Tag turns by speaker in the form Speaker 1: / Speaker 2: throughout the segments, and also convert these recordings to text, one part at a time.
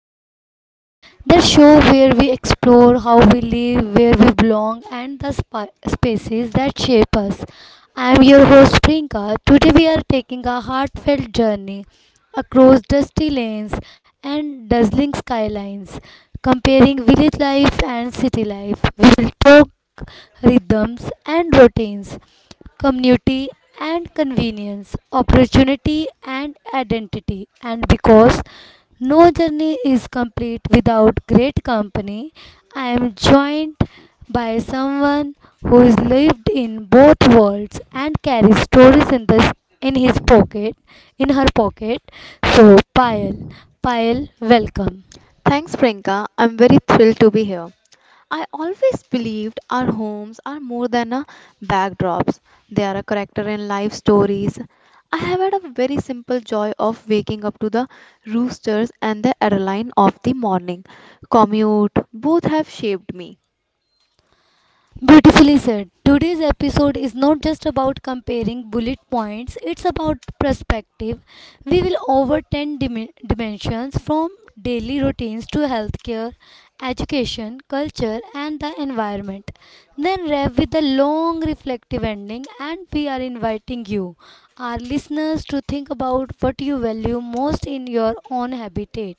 Speaker 1: High Rises, the show where we explore how we live, where we belong, and the spaces that shape us. I am your host Priyanka. Today we are taking a heartfelt journey across dusty lanes and dazzling skylines, comparing village life and city life. We will talk rhythms and routines, community and convenience, opportunity and identity. And because no journey is complete without great company, I am joined by someone who has lived in both worlds and carries stories in this in his pocket, in her pocket. So, Payal, welcome.
Speaker 2: Thanks, Priyanka. I'm very thrilled to be here. I always believed our homes are more than a backdrops. They are a character in life stories. I have had a very simple joy of waking up to the roosters and the adrenaline of the morning. Commute, both have shaped me.
Speaker 1: Beautifully said. Today's episode is not just about comparing bullet points, it's about perspective. We will over 10 dimensions from daily routines to healthcare, education, culture, and the environment. Then wrap with a long reflective ending, and we are inviting you, our listeners, to think about what you value most in your own habitat.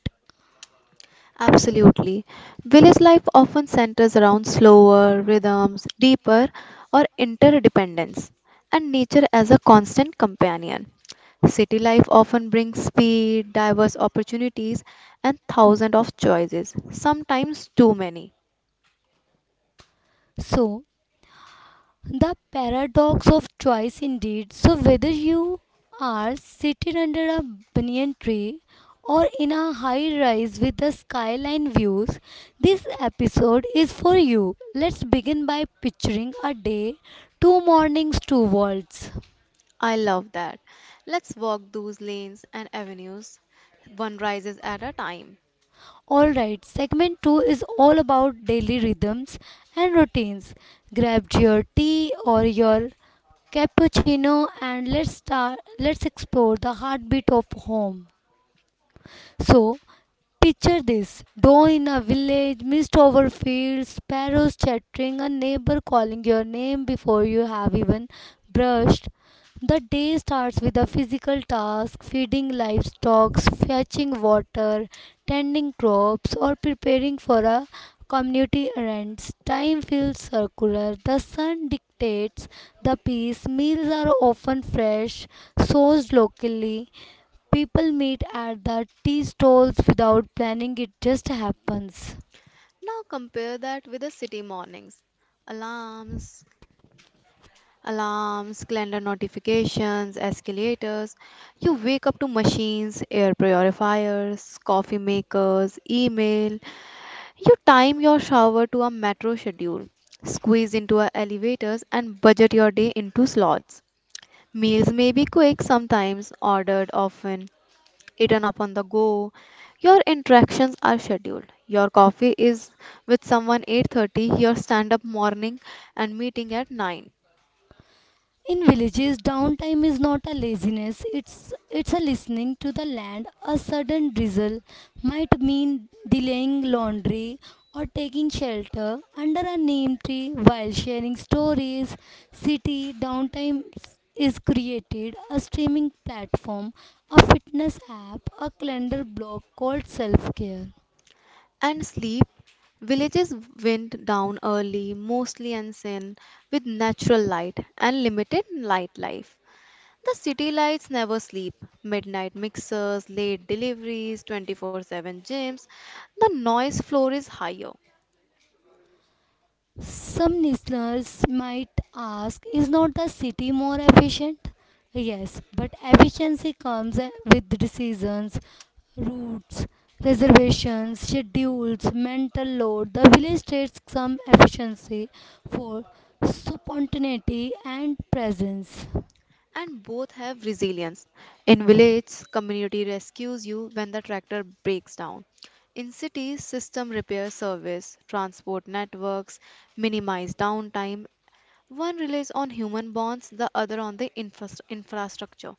Speaker 2: Absolutely. Village life often centers around slower rhythms, deeper or interdependence, and nature as a constant companion. City life often brings speed, diverse opportunities, and thousands of choices, sometimes too many.
Speaker 1: So, The paradox of choice, indeed. So, whether you are seated under a banyan tree or in a high rise with the skyline views, this episode is for you. Let's begin by picturing a day, two mornings, two worlds.
Speaker 2: I love that. Let's walk those lanes and avenues. One rises at a time.
Speaker 1: Alright, segment 2 is all about daily rhythms and routines. Grab your tea or your cappuccino and let's explore the heartbeat of home. So picture this dawn in a village, mist over fields, sparrows chattering, a neighbor calling your name before you have even brushed. The day starts with a physical task feeding livestock, fetching water, tending crops, or preparing for a community errands. Time feels circular. The sun dictates the pace. Meals are often fresh, sourced locally. People meet at the tea stalls without planning, it just happens.
Speaker 2: Now compare that with the city mornings. Alarms, Alarms, calendar notifications, escalators. You wake up to machines, air purifiers, coffee makers, email. You time your shower to a metro schedule, squeeze into a elevators, and budget your day into slots. Meals may be quick sometimes, ordered often, eaten up on the go. Your interactions are scheduled. Your coffee is with someone 8:30, your stand up morning and meeting at 9.
Speaker 1: In villages, downtime is not a laziness, it's a listening to the land. A sudden drizzle might mean delaying laundry or taking shelter under a neem tree while sharing stories. City downtime is created a streaming platform, a fitness app, a calendar block called self care.
Speaker 2: And sleep, villages went down early, mostly unseen, with natural light and limited nightlife. The city lights never sleep. Midnight mixers, late deliveries, 24/7 gyms. The noise floor is higher,
Speaker 1: Some listeners might ask, is not the city more efficient? Yes, but efficiency comes with decisions, routes, reservations, schedules, mental load. The village states some efficiency for spontaneity and presence.
Speaker 2: and both have resilience. In village, community rescues you when the tractor breaks down. In cities, system repair service, transport networks minimize downtime. One relies on human bonds, the other on the infrastructure.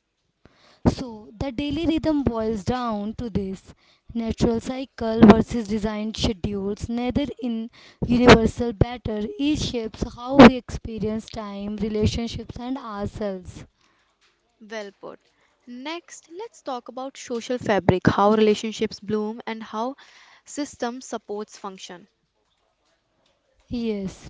Speaker 1: So the daily rhythm boils down to this natural cycle versus designed schedules. Neither in universal better, each shapes how we experience time, relationships, and ourselves.
Speaker 2: Well put. Next, let's talk about social fabric, how relationships bloom and how system supports function.
Speaker 1: Yes.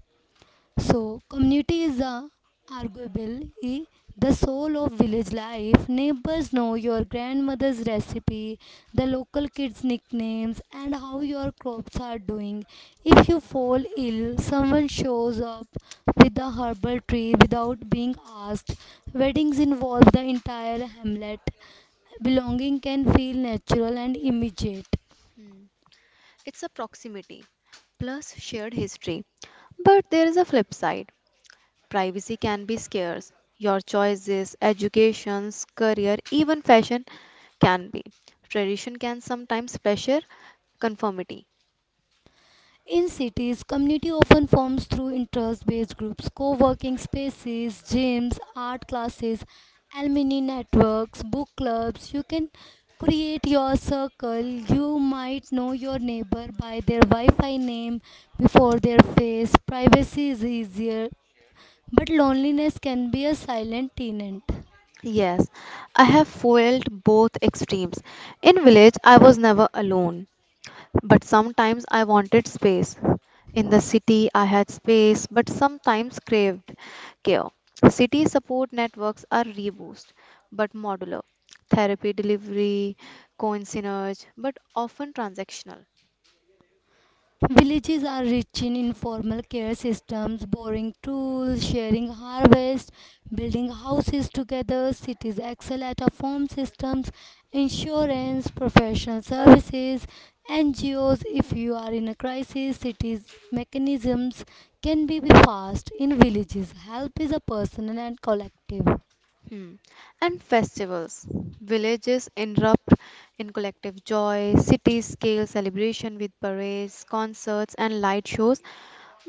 Speaker 1: So, community is a arguably the soul of village life. Neighbors know your grandmother's recipe, the local kids' nicknames, and how your crops are doing. If you fall ill, someone shows up with a herbal tree without being asked. Weddings involve the entire hamlet. Belonging can feel natural and immediate.
Speaker 2: Hmm. It's a proximity plus shared history. But there is a flip side. Privacy can be scarce. Your choices, educations, career, even fashion can be. Tradition can sometimes pressure conformity.
Speaker 1: In cities, community often forms through interest based groups, co working spaces, gyms, art classes, alumni networks, book clubs. You can create your circle. You might know your neighbor by their Wi Fi name before their face. Privacy is easier, but loneliness can be a silent tenant.
Speaker 2: Yes, I have felt both extremes. In village, I was never alone, but sometimes I wanted space. In the city, I had space, but sometimes craved care. City support networks are reboost, but modular. Therapy delivery, coincidence, but often transactional.
Speaker 1: Villages are rich in informal care systems, borrowing tools, sharing harvest, building houses together. Cities excel at a farm systems, insurance, professional services, NGOs. If you are in a crisis, cities mechanisms can be fast. In villages, help is a personal and collective.
Speaker 2: Hmm. And festivals. Villages erupt in collective joy, cities scale celebration with parades, concerts, and light shows,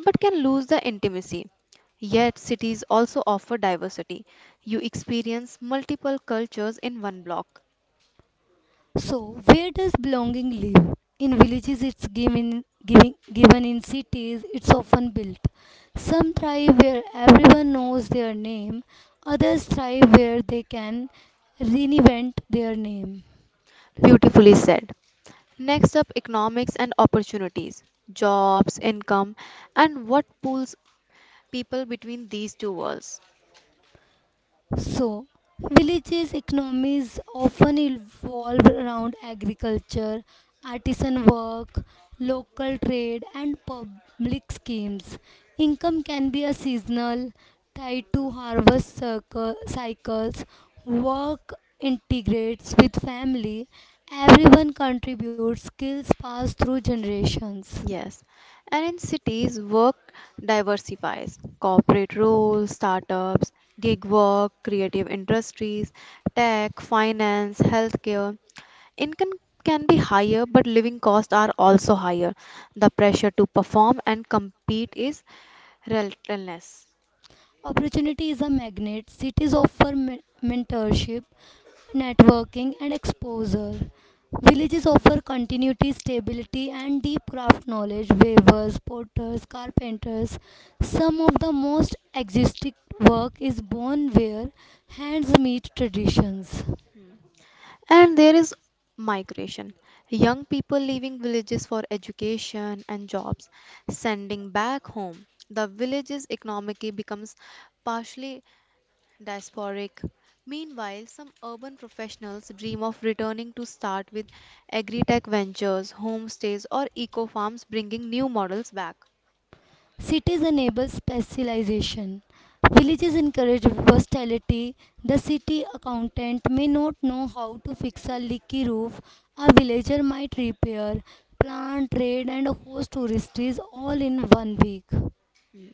Speaker 2: but can lose the intimacy. Yet, cities also offer diversity. You experience multiple cultures in one block.
Speaker 1: So, where does belonging live? In villages, it's given, giving, given in cities, it's often built. Some thrive where everyone knows their name, others thrive where they can reinvent their name.
Speaker 2: Beautifully said. Next up, economics and opportunities, jobs, income, and what pulls people between these two worlds.
Speaker 1: So, villages' economies often evolve around agriculture, artisan work, local trade, and public schemes. Income can be a seasonal, tied to harvest circle, cycles. Work integrates with family. Everyone contributes skills pass through generations.
Speaker 2: Yes, and in cities, work diversifies. Corporate roles, startups, gig work, creative industries, tech, finance, healthcare. Income can be higher, but living costs are also higher. The pressure to perform and compete is relentless.
Speaker 1: Opportunity is a magnet. Cities offer mentorship, networking, and exposure. Villages offer continuity, stability, and deep craft knowledge. Weavers, potters, carpenters. Some of the most existing work is born where hands meet traditions.
Speaker 2: And there is migration. Young people leaving villages for education and jobs, sending back home. The village's economy becomes partially diasporic. Meanwhile, some urban professionals dream of returning to start with agri-tech ventures, homestays, or eco farms, bringing new models back.
Speaker 1: Cities enable specialization. Villages encourage versatility. The city accountant may not know how to fix a leaky roof. A villager might repair, plant, trade, and host tourists all in one week.
Speaker 2: Hmm.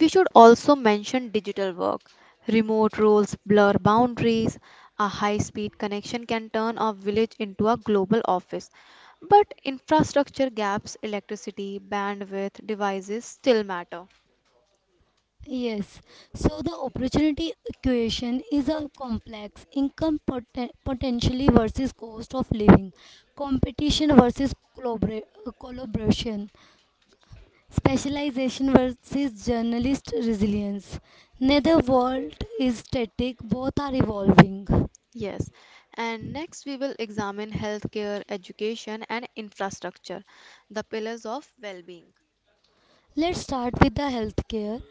Speaker 2: We should also mention digital work. Remote roles blur boundaries. A high-speed connection can turn a village into a global office. But infrastructure gaps, electricity, bandwidth, devices still matter.
Speaker 1: Yes, so the opportunity equation is a complex income potentially versus cost of living, competition versus collaboration, specialization versus journalist resilience. Neither world is static, both are evolving.
Speaker 2: Yes, and next we will examine healthcare, education, and infrastructure, the pillars of well being.
Speaker 1: Let's start with the healthcare.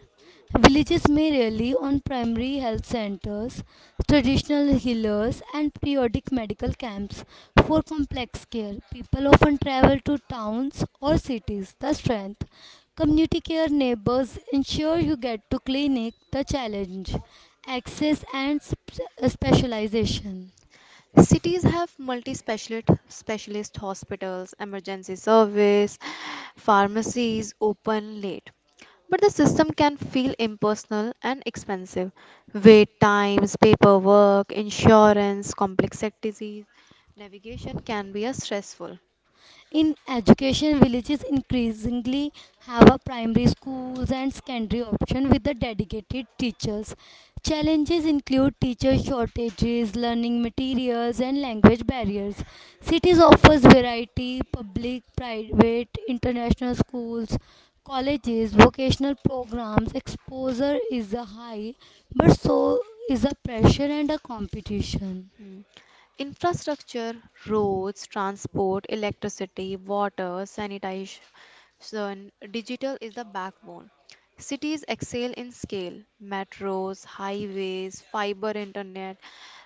Speaker 1: Villages may rely on primary health centers, traditional healers, and periodic medical camps for complex care. People often travel to towns or cities. The strength. Community care neighbors ensure you get to clinic. The challenge. Access and specialization.
Speaker 2: Cities have multi specialist specialist hospitals, emergency service, pharmacies open late. But the system can feel impersonal and expensive. Wait times, paperwork, insurance, complex disease, navigation can be a stressful.
Speaker 1: In education, villages increasingly have a primary schools and secondary option with the dedicated teachers. Challenges include teacher shortages, learning materials, and language barriers. Cities offers variety, public, private, international schools, colleges, vocational programs. Exposure is a high, but so is the pressure and the competition.
Speaker 2: Mm. Infrastructure, roads, transport, electricity, water, sanitation, digital is the backbone. Cities excel in scale, metros, highways, fiber internet.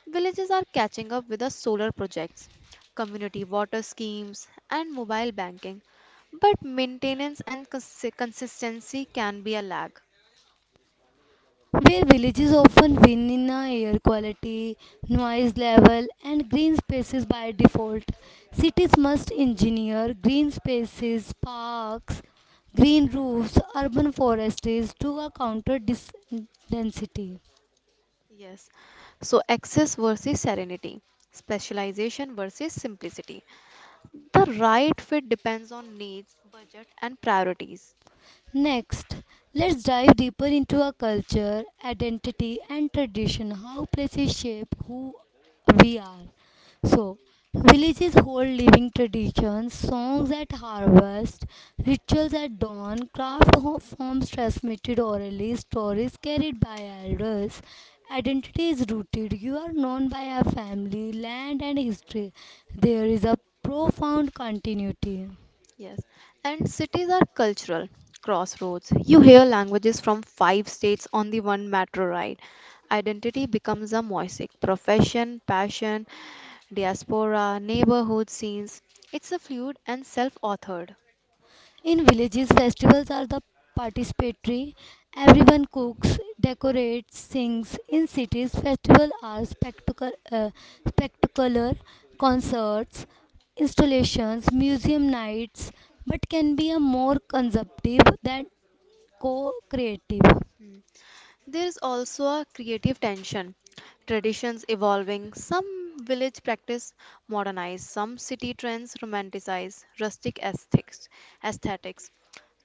Speaker 2: Villages are catching up with the solar projects, community water schemes, and mobile banking. But maintenance and consistency can be a lag.
Speaker 1: Where villages often win in air quality, noise level, and green spaces by default. Cities must engineer green spaces, parks, green roofs, urban forests to counter density.
Speaker 2: Yes. So, access versus serenity, specialization versus simplicity. The right fit depends on needs, budget, and priorities.
Speaker 1: Next, let's dive deeper into our culture, identity, and tradition, how places shape who we are. So, villages hold living traditions, songs at harvest, rituals at dawn, craft forms transmitted orally, stories carried by elders. Identity is rooted. You are known by your family, land, and history. There is a profound continuity.
Speaker 2: Yes. And cities are cultural crossroads. You hear languages from five states on the one metro ride. Identity becomes a mosaic. Profession, passion, diaspora, neighborhood scenes. It's a fluid and self authored.
Speaker 1: In villages, festivals are the participatory. Everyone cooks, decorates, sings. In cities, festivals are spectacular concerts, installations, museum nights, but can be a more consumptive than co-creative.
Speaker 2: There is also a creative tension. Traditions evolving, some village practice modernize, some city trends romanticize rustic aesthetics.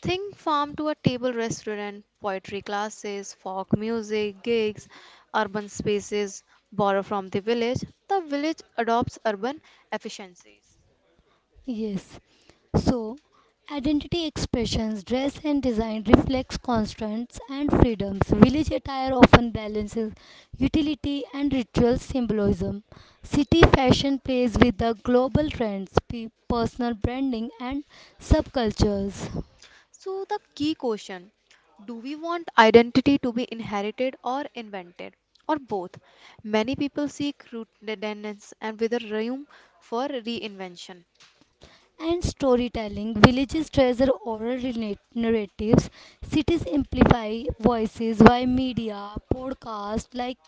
Speaker 2: Think farm to a table restaurant, poetry classes, folk music, gigs, urban spaces borrow from the village. The village adopts urban efficiencies.
Speaker 1: Yes. So, identity expressions, dress and design reflects constraints and freedoms. Village attire often balances utility and ritual symbolism. City fashion plays with the global trends, personal branding, and subcultures.
Speaker 2: So, the key question do we want identity to be inherited or invented, or both? Many people seek rootedness and with a room for reinvention.
Speaker 1: And storytelling. Villages treasure oral narratives, cities amplify voices by media, podcasts like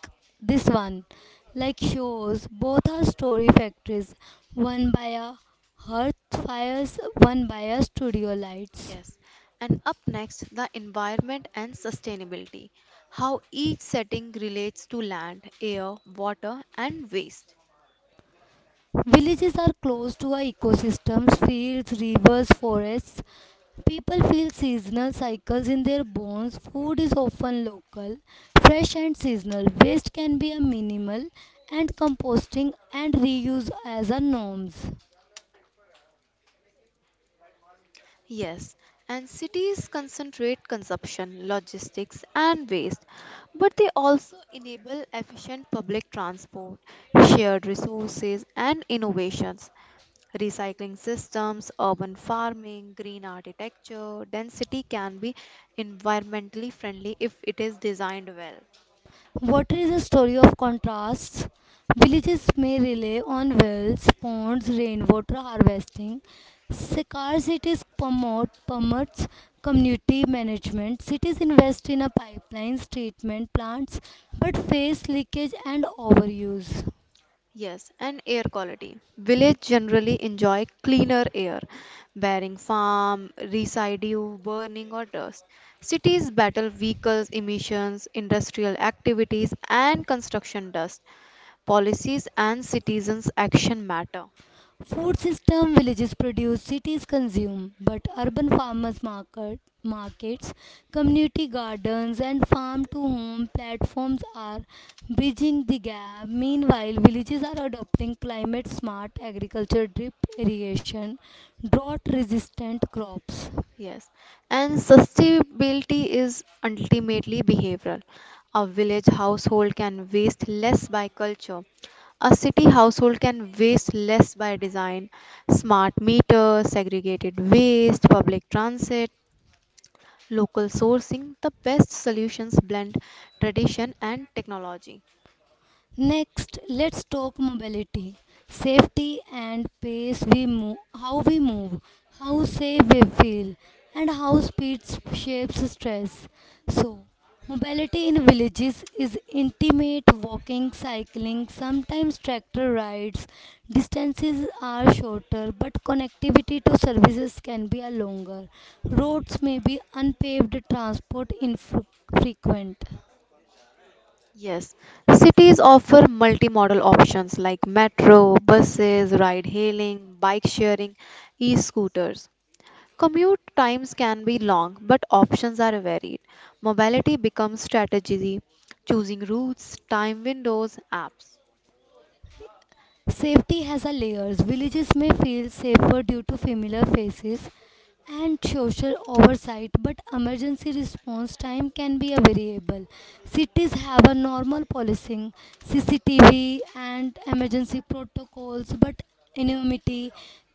Speaker 1: this one, like shows. Both are story factories, one by a hearth fires, one by a studio lights.
Speaker 2: Yes. And up next, the environment and sustainability how each setting relates to land, air, water, and waste.
Speaker 1: Villages are close to our ecosystems, fields, rivers, forests. People feel seasonal cycles in their bones. Food is often local, fresh and seasonal. Waste can be a minimal and composting and reuse as our norms.
Speaker 2: Yes, and cities concentrate consumption, logistics, and waste, but they also enable efficient public transport, shared resources, and innovations. Recycling systems, urban farming, green architecture, density can be environmentally friendly if it is designed well.
Speaker 1: Water is a story of contrasts. Villages may rely on wells, ponds, rainwater harvesting. Scarce cities promotes community management. Cities invest in a pipelines, treatment plants, but face leakage and overuse.
Speaker 2: Yes, and air quality. Village generally enjoy cleaner air, barring farm, residue, burning or dust. Cities battle vehicles emissions, industrial activities and construction dust. Policies and citizens' action matter.
Speaker 1: Food system villages produce, cities consume, but urban markets, community gardens, and farm to home platforms are bridging the gap. Meanwhile, villages are adopting climate smart agriculture, drip irrigation, drought resistant crops.
Speaker 2: Yes, and sustainability is ultimately behavioral. A village household can waste less by culture. A city household can waste less by design. Smart meters, segregated waste, public transit, local sourcing, the best solutions blend tradition and technology.
Speaker 1: Next, let's talk mobility, safety and pace we move, how safe we feel, and how speed shapes stress. So, mobility in villages is intimate walking, cycling, sometimes tractor rides. Distances are shorter, but connectivity to services can be a longer. Roads may be unpaved, transport infrequent.
Speaker 2: Yes, cities offer multimodal options like metro, buses, ride hailing, bike sharing, e scooters. Commute times can be long, but options are varied. Mobility becomes strategy, choosing routes, time windows, apps.
Speaker 1: Safety has a layers. Villages may feel safer due to familiar faces and social oversight, but emergency response time can be a variable. Cities have a normal policing, CCTV, and emergency protocols, but anonymity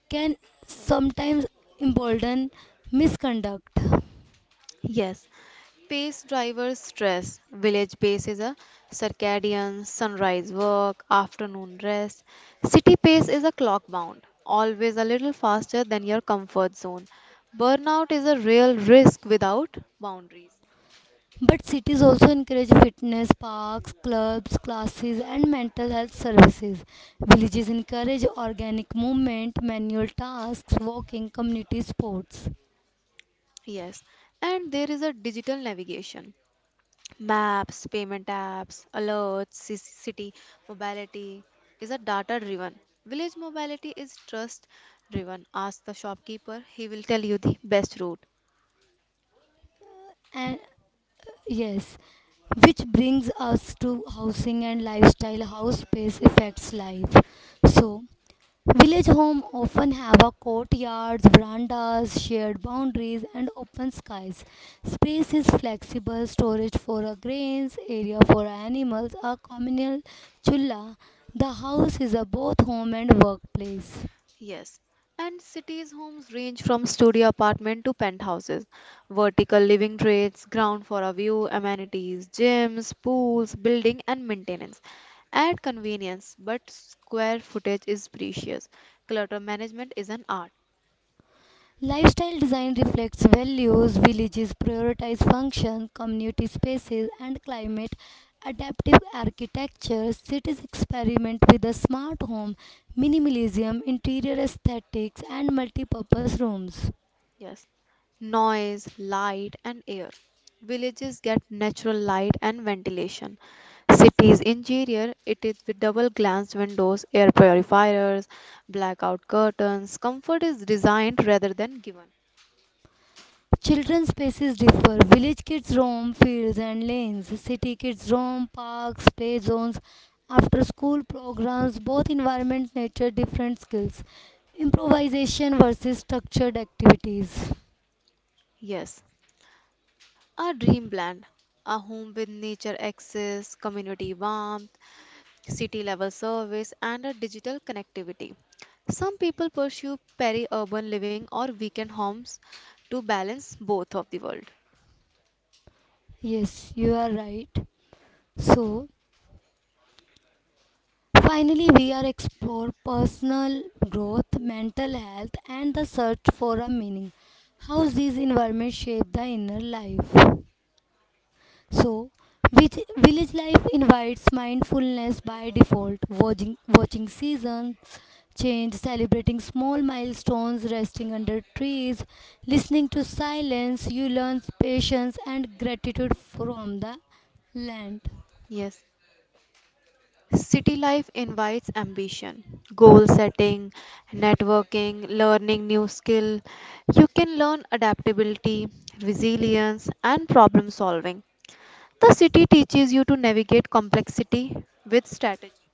Speaker 1: can sometimes embolden misconduct.
Speaker 2: Yes, pace drivers stress. Village pace is a circadian, sunrise work, afternoon rest. City pace is a clock bound, always a little faster than your comfort zone. Burnout is a real risk without boundaries.
Speaker 1: But cities also encourage fitness, parks, clubs, classes, and mental health services. Villages encourage organic movement, manual tasks, walking, community sports.
Speaker 2: Yes, and there is a digital navigation. Maps, payment apps, alerts, city mobility is a data driven. Village mobility is trust driven. Ask the shopkeeper, he will tell you the best route.
Speaker 1: And yes, which brings us to housing and lifestyle, how space affects life. So, village homes often have a courtyards, verandas, shared boundaries, and open skies. Space is flexible, storage for a grains, area for animals, a communal chulla. The house is a both home and workplace.
Speaker 2: Yes. And cities' homes range from studio apartment to penthouses, vertical living trades, ground for a view, amenities, gyms, pools, building, and maintenance. Add convenience, but square footage is precious. Clutter management is an art.
Speaker 1: Lifestyle design reflects values villages prioritize function, community spaces, and climate. Adaptive architecture cities experiment with a smart home, minimalism, interior aesthetics, and multipurpose rooms.
Speaker 2: Yes. Noise, light, and air. Villages get natural light and ventilation. Cities interior, it is with double glazed windows, air purifiers, blackout curtains. Comfort is designed rather than given.
Speaker 1: Children's spaces differ. Village kids roam fields and lanes. City kids roam parks, play zones, after school programs. Both environments nature different skills. Improvisation versus structured activities.
Speaker 2: Yes, a dreamland, a home with nature access, community warmth, city level service, and a digital connectivity. Some people pursue peri urban living or weekend homes to balance both of the world.
Speaker 1: Yes, you are right. So, finally, we are explore personal growth, mental health, and the search for a meaning. How these environments shape the inner life. So, which village life invites mindfulness by default, watching seasons change, celebrating small milestones, resting under trees, listening to silence. You learn patience and gratitude from the land.
Speaker 2: Yes, city life invites ambition, goal setting, networking, learning new skill. You can learn adaptability, resilience, and problem solving. The city teaches you to navigate complexity with strategy.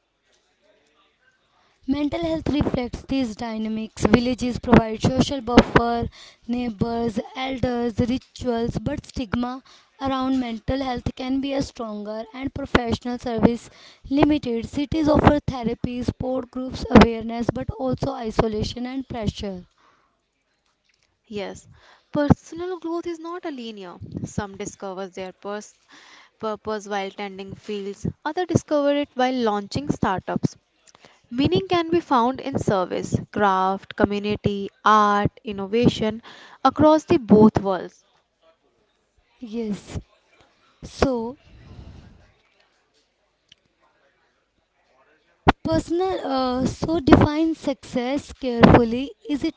Speaker 1: Mental health reflects these dynamics. Villages provide social buffer, neighbors, elders, rituals, but stigma around mental health can be a stronger and professional service limited. Cities offer therapy, support groups, awareness, but also isolation and pressure.
Speaker 2: Yes, personal growth is not a linear. Some discover their purpose while tending fields, others discover it while launching startups. Meaning can be found in service, craft, community, art, innovation across the both worlds.
Speaker 1: Yes. So, Personal so define success carefully. Is it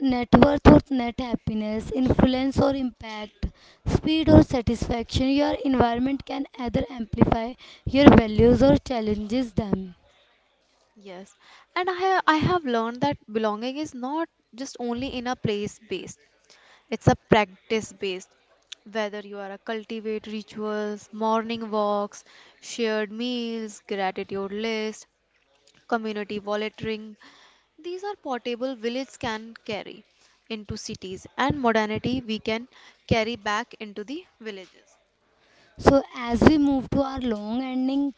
Speaker 1: net worth or net happiness, influence or impact, speed or satisfaction? Your environment can either amplify your values or challenges them.
Speaker 2: Yes, and I have learned that belonging is not just only in a place based, it's a practice based. Whether you are a cultivate rituals, morning walks, shared meals, gratitude list, community volunteering. These are portable village can carry into cities and modernity we can carry back into the villages.
Speaker 1: So as we move to our long ending,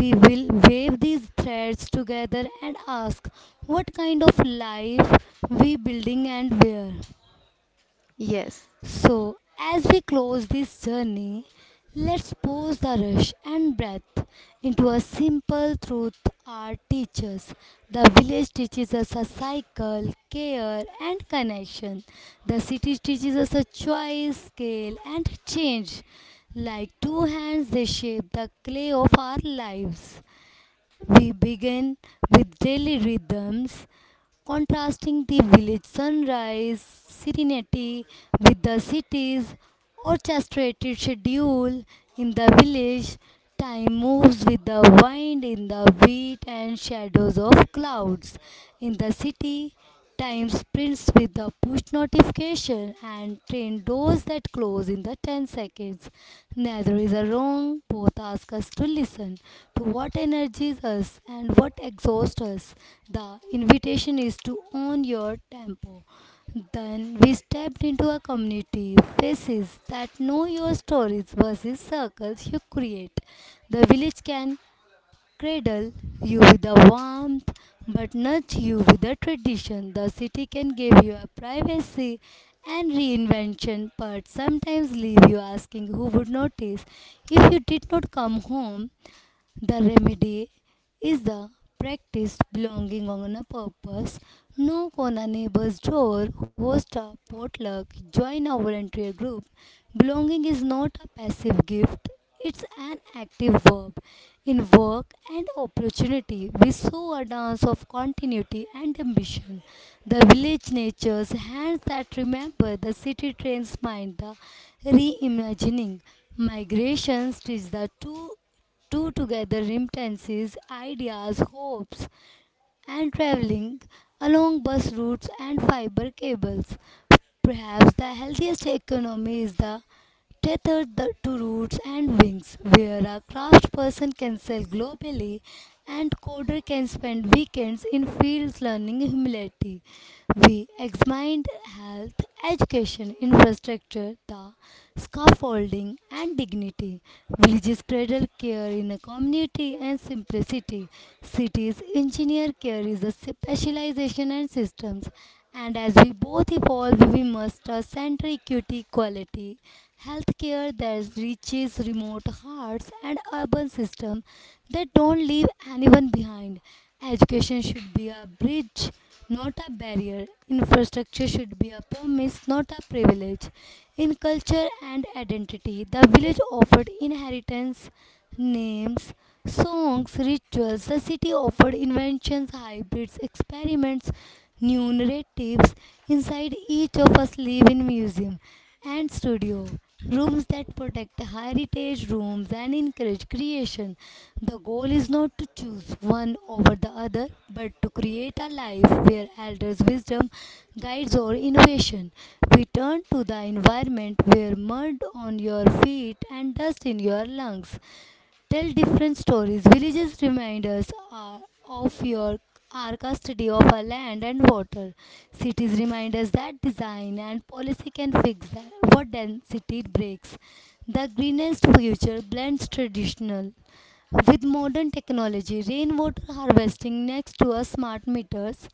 Speaker 1: we will wave these threads together and ask what kind of life we building and where.
Speaker 2: Yes,
Speaker 1: So, as we close this journey, let's pause the rush and breath into a simple truth our teachers. The village teaches us a cycle, care, and connection. The city teaches us a choice, scale, and change. Like two hands, they shape the clay of our lives. We begin with daily rhythms, contrasting the village sunrise serenity with the city's orchestrated schedule. In the village, time moves with the wind in the wheat and shadows of clouds. In the city, time sprints with the push notification and train doors that close in the 10 seconds. Neither is a wrong. Both ask us to listen to what energizes us and what exhausts us. The invitation is to own your tempo. Then we stepped into a community, faces that know your stories versus circles you create. The village can cradle you with a warmth but nurture you with a tradition. The city can give you a privacy and reinvention, but sometimes leave you asking who would notice if you did not come home. The remedy is the practice belonging on a purpose. Knock on a neighbor's door, host a potluck, join a volunteer group. Belonging is not a passive gift, it's an active verb. In work and opportunity, we saw a dance of continuity and ambition. The village nature's hands that remember, the city trains mind, the reimagining. Migrations teach the two together remittances, ideas, hopes, and traveling along bus routes and fiber cables. Perhaps the healthiest economy is the to roots and wings, where a craftsperson can sell globally and coder can spend weekends in fields learning humility. We examined health, education, infrastructure, the scaffolding, and dignity. Villages cradle care in a community and simplicity. Cities engineer care is a specialization and systems. And as we both evolve, we must center equity, quality, healthcare that reaches remote hearts, and urban system that don't leave anyone behind. Education should be a bridge not a barrier. Infrastructure should be a promise, not a privilege. In culture and identity, the village offered inheritance, names, songs, rituals. The city offered inventions, hybrids, experiments, new narratives. Inside each of us live in museum and studio rooms that protect heritage rooms and encourage creation. The goal is not to choose one over the other, but to create a life where elders' wisdom guides our innovation. We turn to the environment where mud on your feet and dust in your lungs tell different stories. Villages of your our custody of our land and water. Cities remind us that design and policy can fix that, what density breaks. The greenest future blends traditional with modern technology, rainwater harvesting next to our smart meters,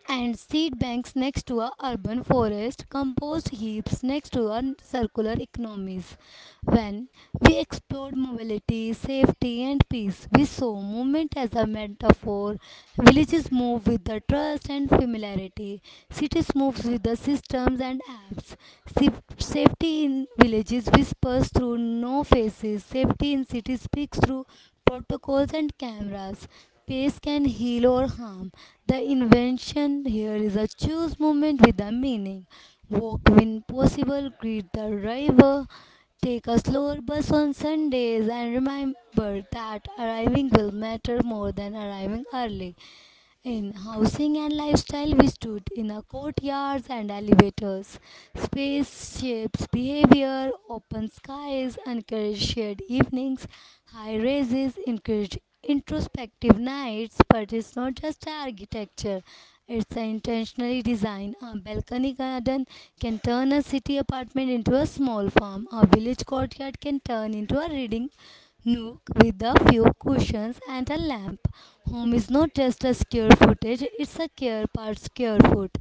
Speaker 1: and seed banks next to our urban forest, compost heaps next to our circular economies. When we explored mobility, safety, and peace, we saw movement as a metaphor. Villages move with the trust and familiarity. Cities move with the systems and apps. Safety in villages whispers through no faces. Safety in cities speaks through protocols and cameras. Pace can heal or harm. The invention here is a choose movement with a meaning. Walk when possible, greet the driver, take a slower bus on Sundays and remember that arriving will matter more than arriving early. In housing and lifestyle, we stood in our courtyards and elevators. Spaceships, behavior, open skies encourage shared evenings. High rises encourage introspective nights, but it's not just architecture. It's the intentionally design. A balcony garden can turn a city apartment into a small farm. A village courtyard can turn into a reading nook with a few cushions and a lamp. Home is not just a scare footage, it's a care part care foot.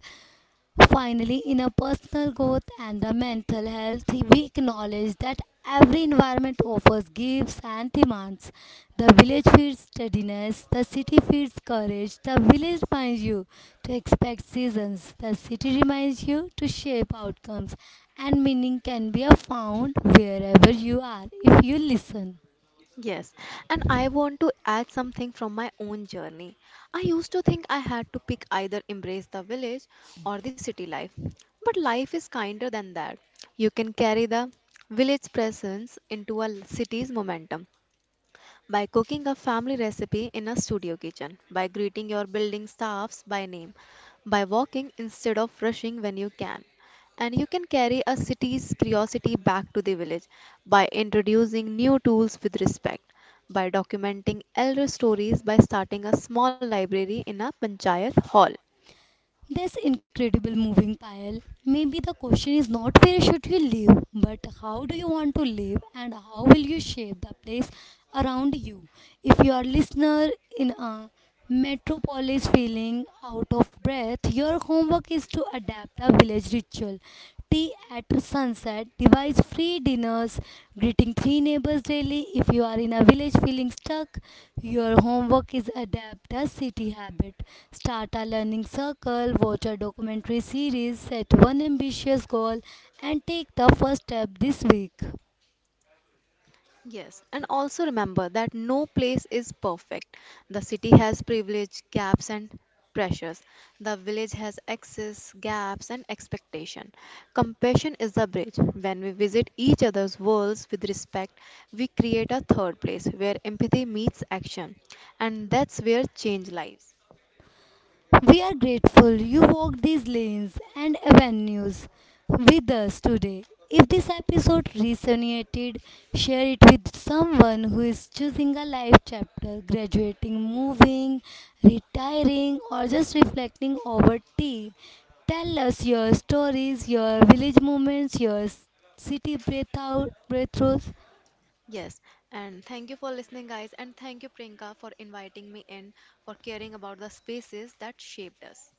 Speaker 1: Finally, in a personal growth and a mental health, we acknowledge that every environment offers gifts and demands. The village feeds steadiness, the city feeds courage, the village reminds you to expect seasons, the city reminds you to shape outcomes, and meaning can be found wherever you are if you listen.
Speaker 2: yes. And I want to add something from my own journey. I used to think I had to pick either embrace the village or the city life. But life is kinder than that. You can carry the village presence into a city's momentum by cooking a family recipe in a studio kitchen, by greeting your building staffs by name, by walking instead of rushing when you can. And you can carry a city's curiosity back to the village by introducing new tools with respect, by documenting elder stories by starting a small library in a panchayat hall.
Speaker 1: This incredible moving pile. Maybe the question is not where should you live, but how do you want to live and how will you shape the place around you. If you are listener in a metropolis feeling out of breath, your homework is to adapt a village ritual tea at sunset, device free dinners, greeting 3 neighbors daily. If you are in a village feeling stuck, your homework is adapt a city habit. Start a learning circle, watch a documentary series, set one ambitious goal, and take the first step this week.
Speaker 2: Yes, and also remember that no place is perfect. The city has privilege, gaps, and pressures. The village has excess, gaps, and expectation. Compassion is the bridge. When we visit each other's worlds with respect, we create a third place where empathy meets action, and that's where change lies.
Speaker 1: We are grateful you walked these lanes and avenues with us today. If this episode resonated, share it with someone who is choosing a life chapter, graduating, moving, retiring, or just reflecting over tea. Tell us your stories, your village moments, city breath out breakthroughs.
Speaker 2: Yes, and thank you for listening, guys, and thank you, Priyanka, for inviting me in, for caring about the spaces that shaped us.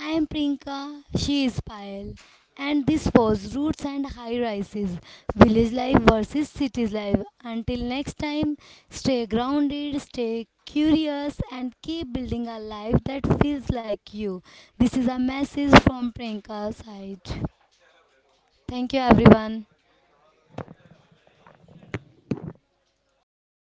Speaker 1: I am Prinka. She is Payal, and this was Roots and High Rises Village Life versus City Life. Until next time, stay grounded, stay curious, and keep building a life that feels like you. This is a message from Prinka's side. Thank you, everyone. हाँ